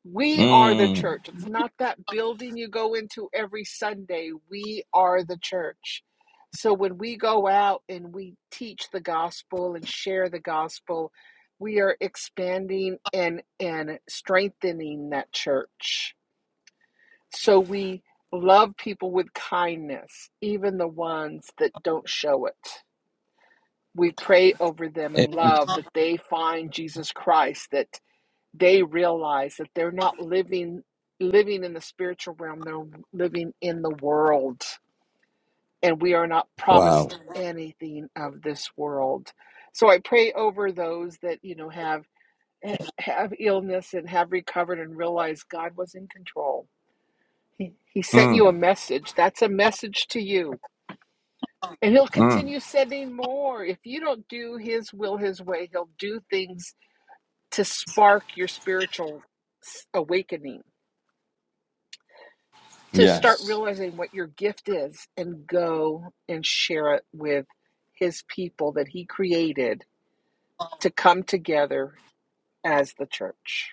[SPEAKER 7] we are the
[SPEAKER 1] Mm,
[SPEAKER 7] church. It's not that building you go into every Sunday. We are the church. So when we go out and we teach the gospel and share the gospel, we are expanding and and strengthening that church. So we love people with kindness, even the ones that don't show it. We pray over them
[SPEAKER 1] eh,
[SPEAKER 7] in love that they find Jesus Christ that they realize that they're not living living in the spiritual realm they're living in the world and we are not
[SPEAKER 1] wow.
[SPEAKER 7] promised anything of this world so i pray over those that you know have have illness and have recovered and realize god was in control he, he sent you a
[SPEAKER 1] Mm,
[SPEAKER 7] message that's a message to you and he'll
[SPEAKER 1] mm,
[SPEAKER 7] continue sending more if you don't do his will his way he'll do things to spark your spiritual awakening to start
[SPEAKER 1] yes.
[SPEAKER 7] realizing what your gift is and go and share it with his people that he created to come together as the church.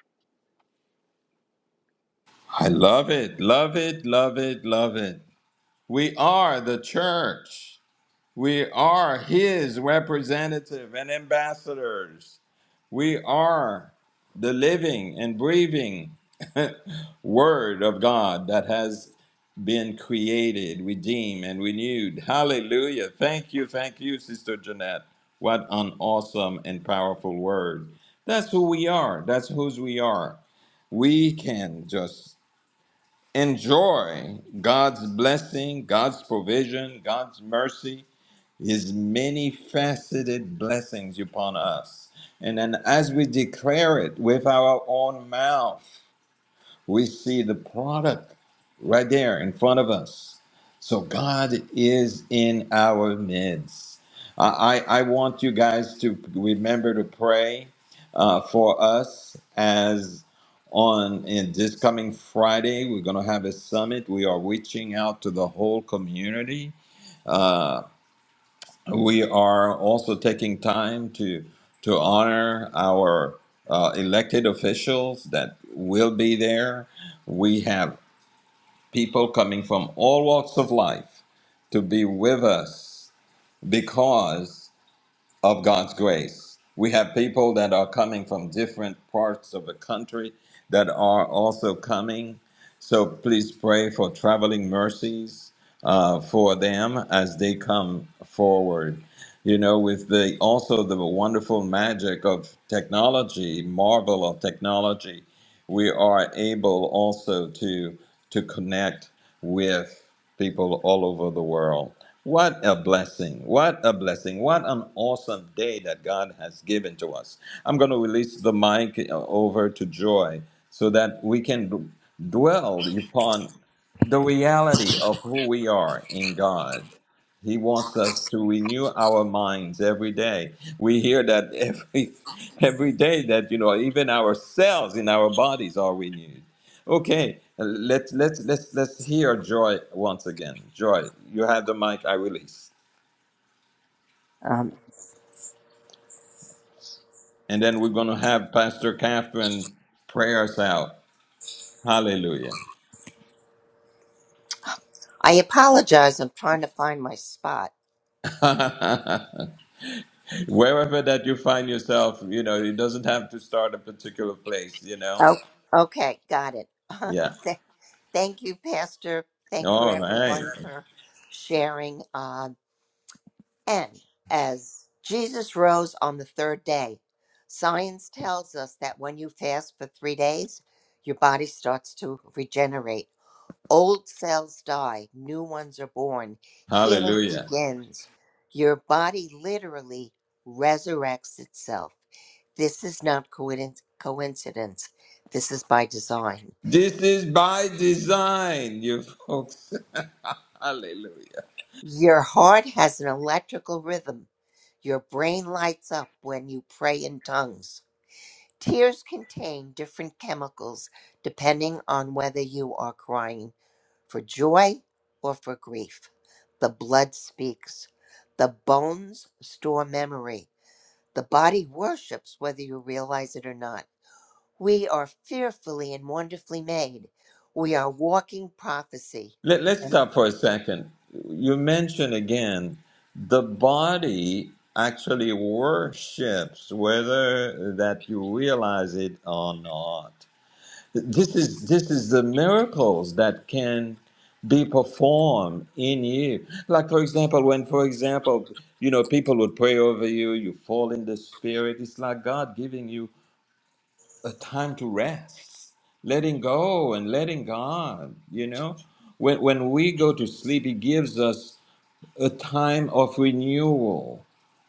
[SPEAKER 1] I love it, love it, love it, love it. We are the church. We are his representative and ambassadors. We are the living and breathing Word of God that has been created, redeemed, and renewed. Hallelujah. Thank you, thank you, Sister Jeanette. What an awesome and powerful word. That's who we are. That's whose we are. We can just enjoy God's blessing, God's provision, God's mercy, his many faceted blessings upon us. And then as we declare it with our own mouth, we see the product right there in front of us. So God is in our midst. I, I I want you guys to remember to pray uh, for us as on in this coming Friday, we're going to have a summit. We are reaching out to the whole community uh, we are also taking time to to honor our uh, elected officials that will be there. We have people coming from all walks of life to be with us because of God's grace. We have people that are coming from different parts of the country that are also coming. So please pray for traveling mercies uh, for them as they come forward. You know, with the also the wonderful magic of technology, marvel of technology we are able also to to connect with people all over the world. What a blessing. What a blessing. What an awesome day that God has given to us. I'm going to release the mic uh, over to Joy so that we can d- dwell upon the reality of who we are in God. He wants us to renew our minds every day. We hear that every every day that you know even our cells in our bodies are renewed. Okay, uh, let's let's let's let's hear Joy once again. Joy, you have the mic. I release,
[SPEAKER 3] Um,
[SPEAKER 1] and then we're gonna have Pastor Catherine pray us out. Hallelujah.
[SPEAKER 3] I apologize. I'm trying to find my spot.
[SPEAKER 1] Wherever that you find yourself, you know, it doesn't have to start a particular place. You know,
[SPEAKER 3] Oh, okay. Got it.
[SPEAKER 1] yeah.
[SPEAKER 3] Th- Thank you, Pastor. Thank you,
[SPEAKER 1] All right.
[SPEAKER 3] everyone, for sharing. Um, and as Jesus rose on the third day, science tells us that when you fast for three days, your body starts to regenerate. Old cells die, new ones are born, healing
[SPEAKER 1] Hallelujah.
[SPEAKER 3] begins. Your body literally resurrects itself. This is not coinc- coincidence, this is by design.
[SPEAKER 1] This is by design, you folks. Hallelujah.
[SPEAKER 3] Your heart has an electrical rhythm. Your brain lights up when you pray in tongues. Tears contain different chemicals depending on whether you are crying for joy or for grief. The blood speaks. The bones store memory. The body worships whether you realize it or not. We are fearfully and wonderfully made. We are walking prophecy.
[SPEAKER 1] Let, let's
[SPEAKER 3] And
[SPEAKER 1] stop for a second. You mentioned again the body actually worships, whether that you realize it or not. This is this is the miracles that can be performed in you. Like for example, when for example, you know, people would pray over you, you fall in the spirit. It's like God giving you a time to rest, letting go and letting God, you know? When, when we go to sleep, it gives us a time of renewal.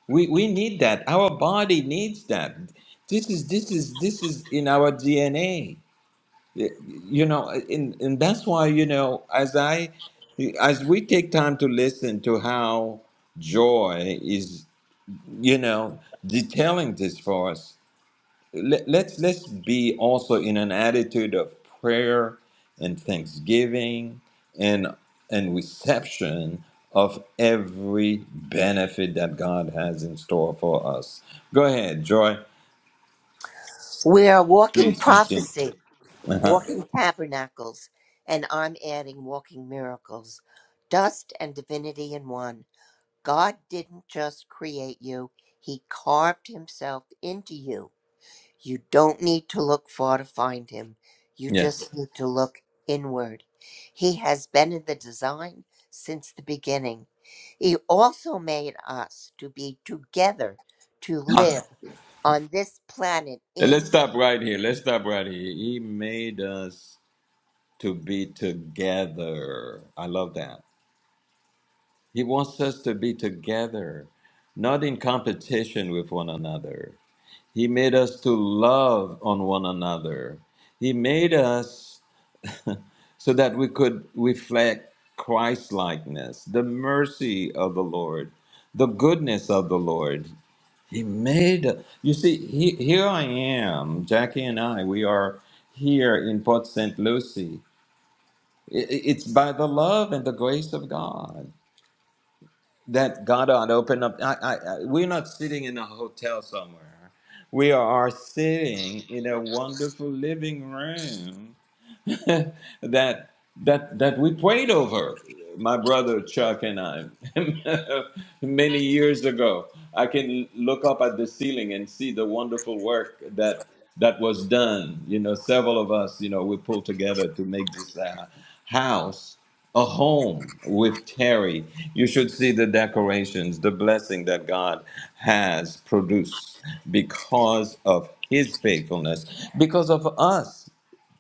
[SPEAKER 1] We, we need that. Our body needs that. This is this is this is in our DNA. You know, and, and that's why, you know, as I as we take time to listen to how joy is, you know, detailing this for us, let, let's let's be also in an attitude of prayer and thanksgiving and and reception of every benefit that God has in store for us. Go ahead, Joy.
[SPEAKER 3] we are walking
[SPEAKER 1] Please continue.
[SPEAKER 3] prophecy, walking tabernacles, and I'm adding walking miracles. Dust and divinity in one. God didn't just create you, He carved Himself into you You don't need to look far to find him. You
[SPEAKER 1] Yes.
[SPEAKER 3] just need to look inward. He has been in the design since the beginning. He also made us to be together, to
[SPEAKER 1] Ah,
[SPEAKER 3] live on this planet
[SPEAKER 1] Let's
[SPEAKER 3] in
[SPEAKER 1] stop right here. Let's stop right here. He made us to be together. I love that. He wants us to be together, not in competition with one another. He made us to love on one another. He made us so that we could reflect Christ likeness, the mercy of the Lord, the goodness of the Lord. He made you see, he, here I am, Jackie and I, we are here in Port St. Lucie. I- i- It's by the love and the grace of God. that God ought to open up. I, I, I, we're not sitting in a hotel somewhere. We are sitting in a wonderful living room that that that we prayed over my brother chuck and i many years ago i can look up at the ceiling and see the wonderful work that that was done you know several of us you know we pulled together to make this uh, house a home with terry you should see the decorations the blessing that god has produced because of his faithfulness because of us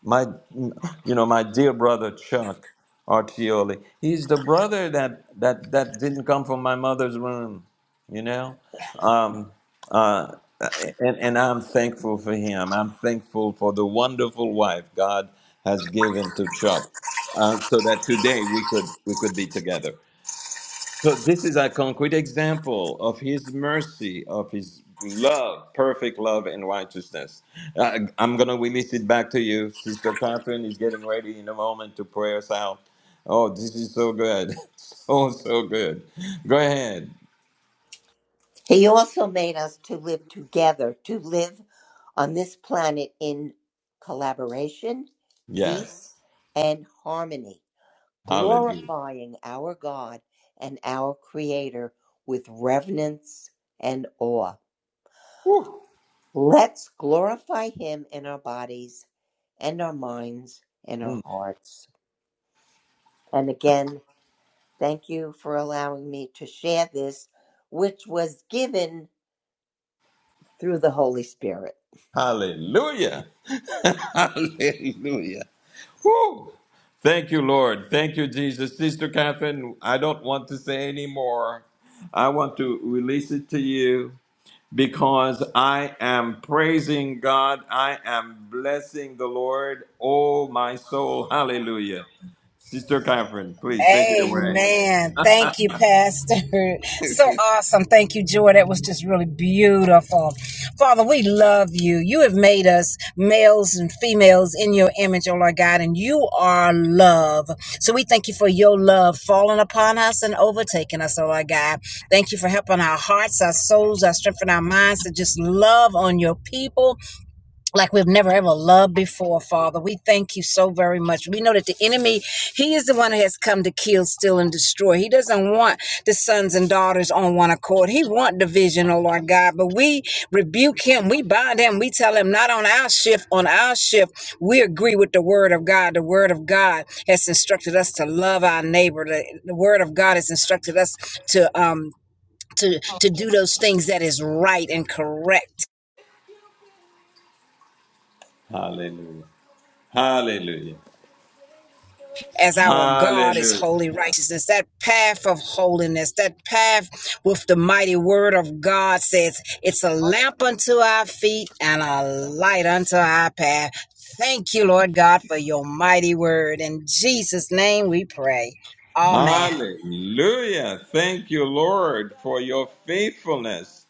[SPEAKER 1] my, you know, my dear brother Chuck Artioli. He's the brother that that that didn't come from my mother's room. You know, um, uh, and and I'm thankful for him. I'm thankful for the wonderful wife God has given to Chuck, uh, so that today we could we could be together. So this is a concrete example of his mercy, of his love, perfect love and righteousness. Uh, I'm going to release it back to you. Sister Catherine is getting ready in a moment to pray us out. Oh, this is so good. So, so good. Go ahead.
[SPEAKER 3] He also made us to live together, to live on this planet in collaboration,
[SPEAKER 1] Yes.
[SPEAKER 3] peace, and harmony.
[SPEAKER 1] Hallelujah.
[SPEAKER 3] glorifying our God and our Creator with reverence and awe.
[SPEAKER 1] Woo.
[SPEAKER 3] Let's glorify Him in our bodies and our minds and
[SPEAKER 1] Mm.
[SPEAKER 3] our hearts. And again, thank you for allowing me to share this, which was given through the Holy Spirit.
[SPEAKER 1] Hallelujah. Hallelujah. Woo! Thank you, Lord. Thank you, Jesus. Sister Catherine, I don't want to say any more. I want to release it to you because I am praising God. I am blessing the Lord. Oh, my soul. Hallelujah. Sister Catherine, please take it away.
[SPEAKER 2] Amen. Thank you, Pastor. So awesome. Thank you, Joy. That was just really beautiful. Father, we love you. You have made us males and females in your image, oh Lord God, and you are love. So we thank you for your love falling upon us and overtaking us, oh Lord God. Thank you for helping our hearts, our souls, our strength, and our minds to just love on your people like we've never ever loved before, Father. We thank you so very much. We know that the enemy, he is the one that has come to kill, steal, and destroy. He doesn't want the sons and daughters on one accord. He want division, oh Lord God. But we rebuke him. We bind him. We tell him not on our shift, on our shift. We agree with the word of God. The word of God has instructed us to love our neighbor. The, the word of God has instructed us to um to to do those things that is right and correct
[SPEAKER 1] Hallelujah. Hallelujah.
[SPEAKER 2] as our God is
[SPEAKER 1] Hallelujah.
[SPEAKER 2] holy righteousness. That path of holiness, that path with the mighty word of God says it's a lamp unto our feet and a light unto our path. Thank you, Lord God, for your mighty word. In Jesus' name we pray. Amen.
[SPEAKER 1] Hallelujah. Thank you, Lord, for your faithfulness.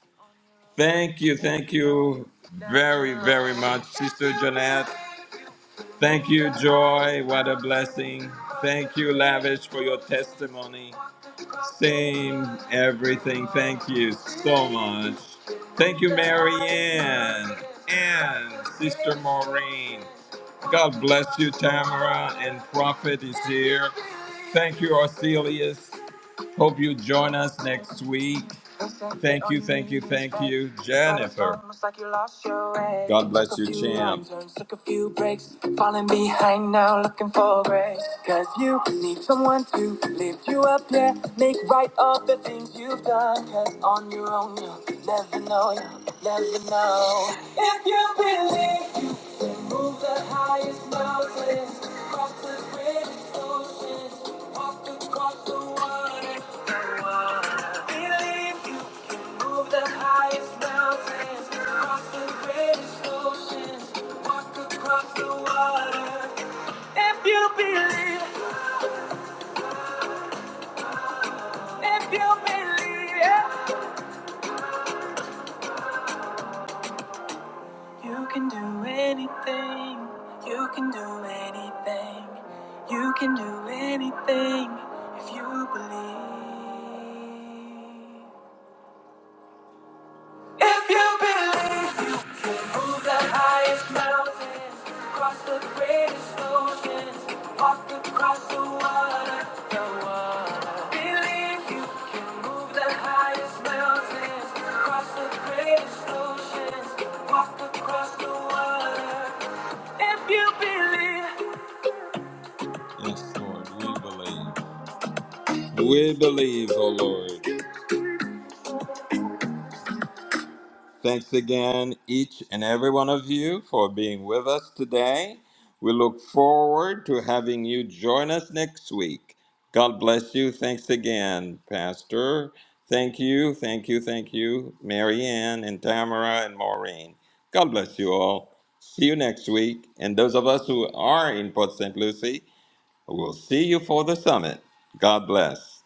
[SPEAKER 1] Thank you, thank you very, very much, Sister Jeanette. Thank you, Joy. What a blessing. Thank you, Lavish, for your testimony. Same everything. Thank you so much. Thank you, Mary Ann and Sister Maureen. God bless you, Tamara, and Prophet is here. Thank you, Arcelius. Hope you join us next week. Thank you, thank you, thank you, Jennifer. God bless you, champ. Took a few breaks, falling behind now, looking for grace. Cause you need someone to lift you up, yeah. Make right of the things you've done. Cause on your own, you'll never know, you'll never know. If you believe you can move the highest mountains, cross the greatest oceans, walk across the water. If you believe, if you believe, yeah. you can do anything. You can do anything. You can do anything if you believe. If you believe. Yes, Lord, we believe. We believe, oh Lord. Thanks again, each and every one of you, for being with us today. We look forward to having you join us next week. God bless you. Thanks again, Pastor. Thank you, thank you, thank you, Marianne and Tamara and Maureen. God bless you all. See you next week. And those of us who are in Port St. Lucie, we'll see you for the summit. God bless.